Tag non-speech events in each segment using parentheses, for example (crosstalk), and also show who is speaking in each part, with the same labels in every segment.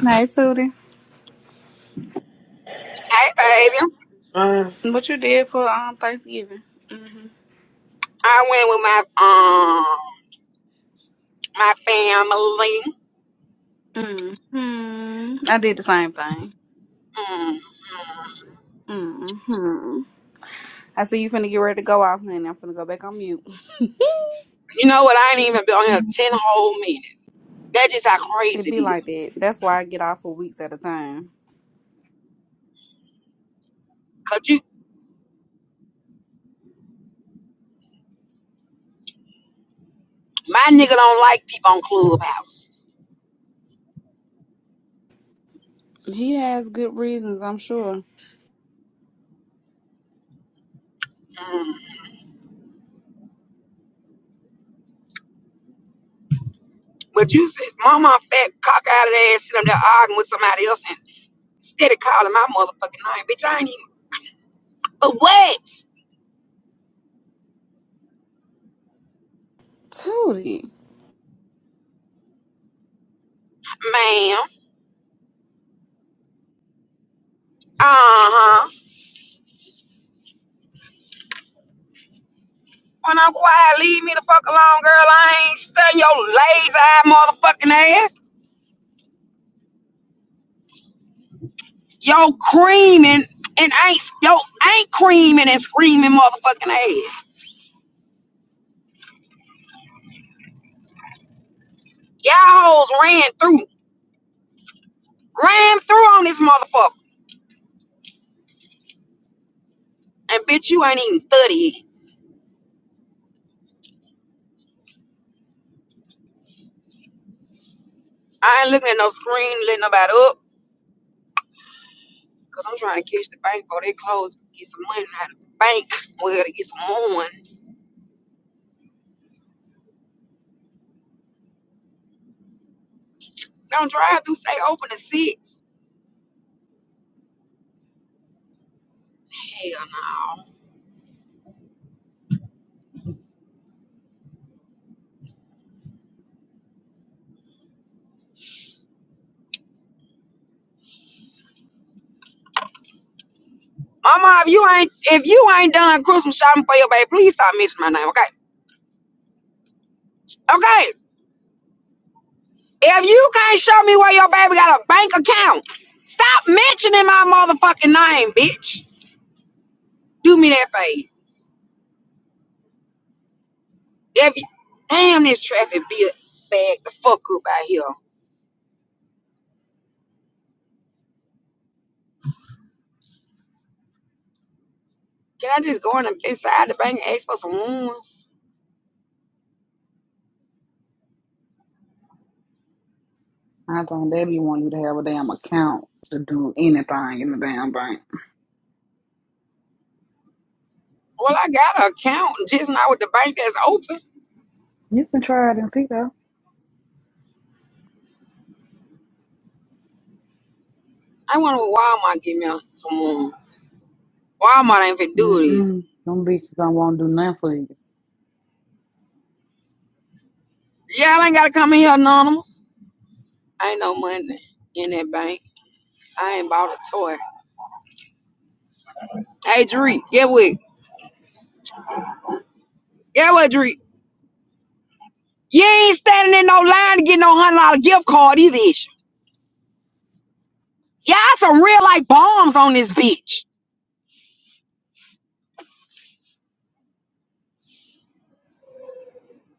Speaker 1: Hey, Tootie.
Speaker 2: Hey, baby.
Speaker 1: What you did for um Thanksgiving? Mm-hmm.
Speaker 2: I went with my um my family.
Speaker 1: Mm-hmm. I did the same thing.
Speaker 2: Mm.
Speaker 1: Mm-hmm. I see you finna get ready to go off, honey. I'm finna go back on mute.
Speaker 2: You know what? I ain't even been on here ten whole minutes. That's just how
Speaker 1: It
Speaker 2: crazy it
Speaker 1: be
Speaker 2: is.
Speaker 1: like that. That's why I get off for weeks at a time.
Speaker 2: Cause you, my nigga, don't like people on Clubhouse.
Speaker 1: He has good reasons, I'm sure.
Speaker 2: Mm. But you said, mama, fat cock out of ass, sitting up there arguing with somebody else, and instead of calling my motherfucking name, bitch, I ain't even. But what,
Speaker 1: Tootie.
Speaker 2: ma'am? Uh huh. When I'm quiet, leave me the fuck alone, girl. I ain't studying your lazy eye motherfucking ass. Yo creaming and ain't yo ain't creaming and screaming motherfucking ass. Y'all hoes ran through, ran through on this motherfucker. And bitch, you ain't even thirty. yet. I ain't looking at no screen, letting nobody up, cause I'm trying to catch the bank before they close to get some money out of the bank. Well, to get some more ones. Don't drive through, stay open to six. Hell no. Mama, if you ain't if you ain't done Christmas shopping for your baby, please stop mentioning my name, okay? Okay. If you can't show me where your baby got a bank account, stop mentioning my motherfucking name, bitch. Do me that favor. If you, damn, this traffic bill bag the fuck up out here. Can I just go in and- inside the bank and ask for some ones?
Speaker 3: I think they be want you to have a damn account to do anything in the damn bank.
Speaker 2: Well, I got an account, just not with the bank that's open.
Speaker 3: You can try it and see though.
Speaker 2: I wonder what Walmart give me some ones. Walmart ain't finna
Speaker 3: Mm
Speaker 2: do
Speaker 3: mm. Them bitches don't want to do nothing for you.
Speaker 2: this. Y'all ain't gotta come in here anonymous. Ain't no money in that bank. I ain't bought a toy. Hey, Dree, get with. Get with, Dree. You ain't standing in no line to get no hundred dollar gift card either. Issue. Y'all some real like bombs on this bitch.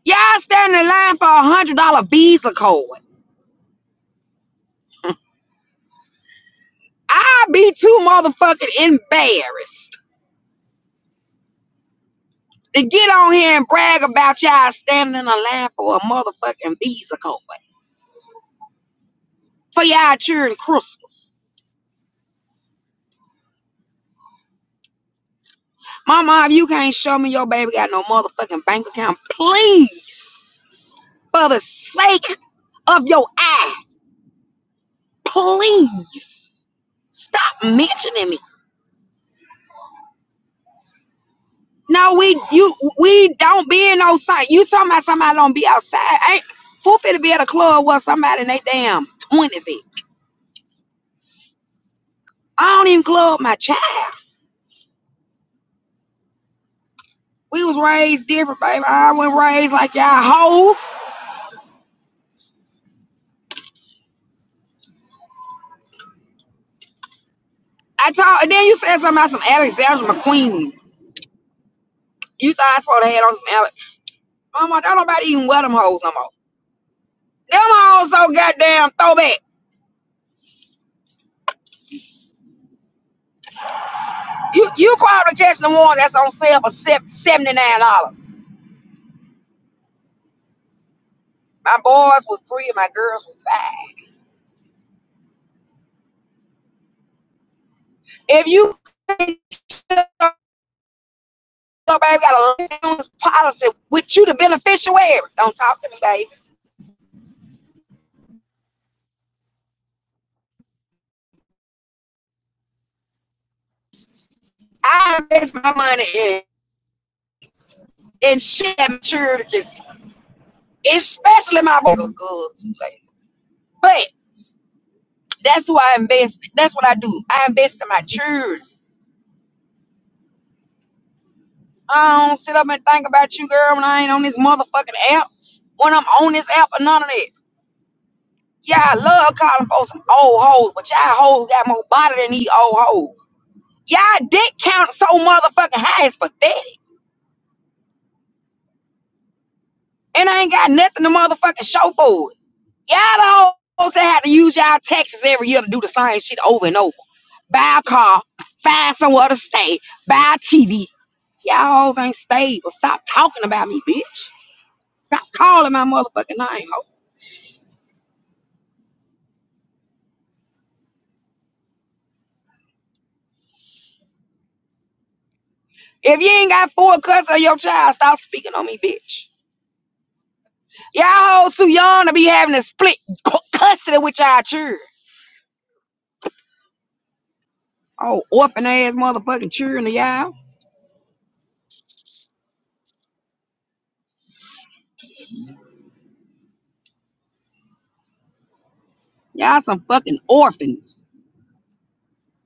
Speaker 2: Y'all standing in line for a hundred dollar Visa card. (laughs) I be too motherfucking embarrassed to get on here and brag about y'all standing in a line for a motherfucking Visa card for y'all cheering Christmas. Mama, if you can't show me your baby got no motherfucking bank account, please, for the sake of your eyes Please stop mentioning me. No, we you we don't be in no site. You talking about somebody don't be outside? Ain't fool fit to be at a club where somebody in they damn twenties is. I don't even club my child. We was raised different, baby. I wasn't raised like y'all hoes. I told, and then you said something about some Alexander McQueen. You thought I was supposed to have on some Alex. Mama, don't nobody even wear them hoes no more. Them hoes so goddamn throwback. You you probably catch the one that's on sale for seventy nine dollars. My boys was three and my girls was five. If you baby, got a loans policy with you the beneficiary. Don't talk to me, baby. I invest my money in in shit that maturities, especially my boy. But that's who I invest. That's what I do. I invest in my children. I don't sit up and think about you, girl, when I ain't on this motherfucking app. When I'm on this app or none of that. Yeah, I love calling for some old hoes, but y'all hoes got more body than these old hoes. Y'all dick count so motherfucking high is pathetic. And I ain't got nothing to motherfucking show for it. Y'all hoes that have to use y'all taxes every year to do the same shit over and over. Buy a car, find somewhere to stay, buy a TV. Y'all hoes ain't stable. Stop talking about me, bitch. Stop calling my motherfucking name, ho. If you ain't got four cousins of your child, stop speaking on me, bitch. Y'all hoes too young to be having to split cu- custody with y'all children. Oh, orphan ass motherfucking children of y'all. Y'all some fucking orphans.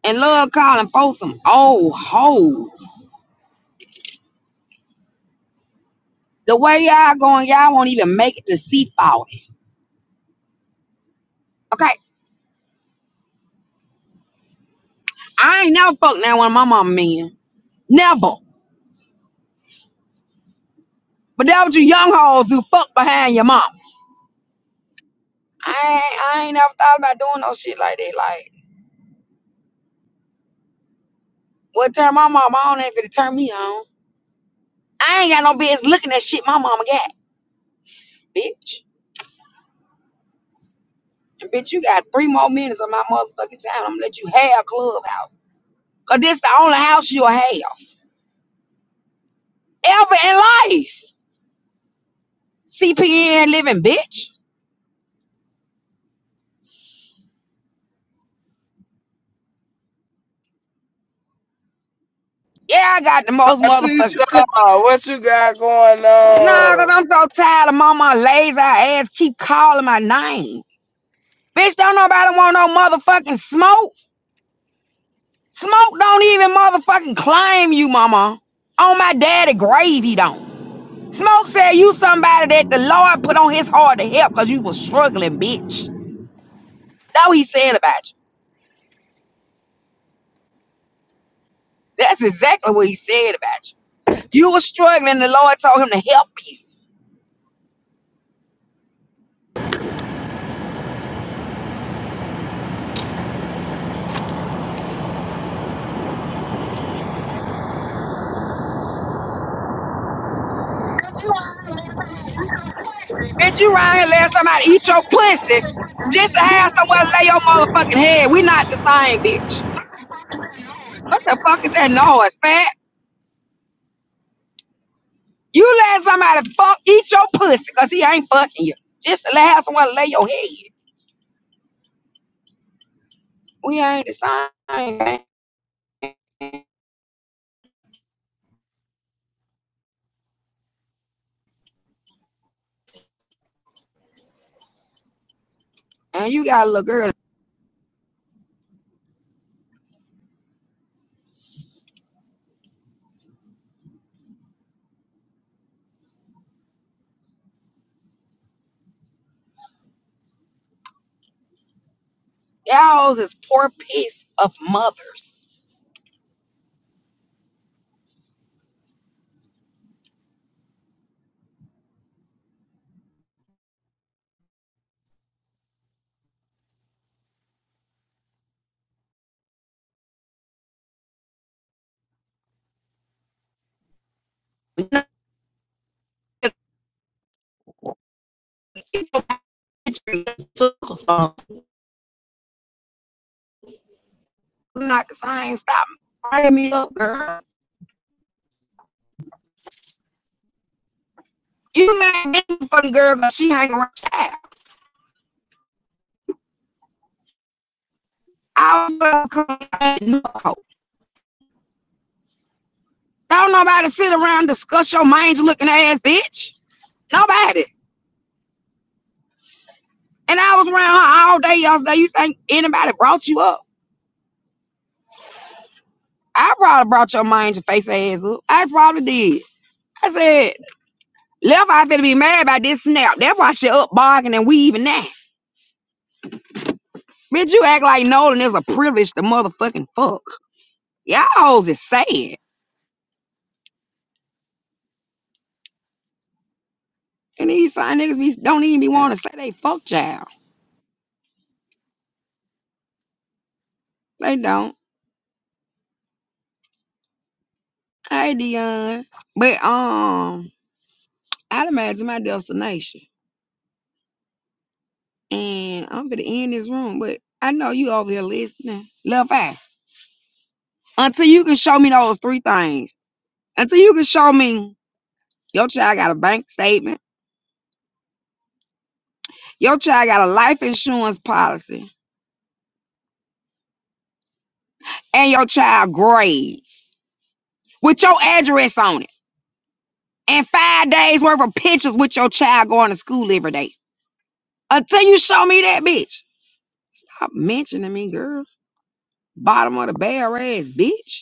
Speaker 2: And love calling folks some old hoes. The way y'all going, y'all won't even make it to see 40. Okay? I ain't never fucked now one of my mama men. Never. But that what you young hoes do fuck behind your mom. I ain't, I ain't never thought about doing no shit like that. Like, what turn my mama on ain't finna turn me on. I ain't got no business looking at shit my mama got, bitch. And bitch, you got three more minutes of my motherfucking time. I'm gonna let you have Clubhouse. Cause this the only house you'll have. ever in life. CPN living, bitch. Yeah, I got the most motherfucking.
Speaker 4: Atisha,
Speaker 2: cl-
Speaker 4: what you got going
Speaker 2: Nah, cause
Speaker 4: on?
Speaker 2: I'm so tired of mama lazy ass keep calling my name. Bitch, don't nobody want no motherfucking smoke. Smoke don't even motherfucking claim you, mama. On my daddy grave, he don't. Smoke said you somebody that the Lord put on his heart to help cause you was struggling, bitch. That's what he said about you. That's exactly what he said about you. You was struggling, the Lord told him to help you. Bitch, you right here letting somebody eat your pussy just to have somewhere to lay your motherfucking head. We not the same, bitch. What the fuck is that noise, fat? You let somebody fuck eat your pussy because he ain't fucking you. Just to have someone lay your head. We ain't the same, man. And you got a little girl. Y'all is poor piece of mothers. We not not the same. Stop bringing me up, girl. You ain't fucking girl 'cause she ain't around. child. I will come hoe. Don't nobody sit around discuss your mange looking ass bitch. Nobody. And I was around her all day yesterday. You think anybody brought you up? I probably brought your mange and face ass up. I probably did. I said, left I finna be mad about this snap. That's why she up bargaining and weaving now. Bitch, you act like Nolan is a privilege to motherfucking fuck. Y'all hoes is sad. And these sign niggas be, don't even be wanting to say they fuck y'all. They don't. Hey, Dion. But, um, I imagine my destination. And I'm gonna end this room, but I know you over here listening. Left eye. Until you can show me those three things. Until you can show me your child got a bank statement, your child got a life insurance policy, and your child grades with your address on it. And five days worth of pictures with your child going to school every day. Until you show me that bitch. Stop mentioning me, girl. Bottom of the barrel ass bitch.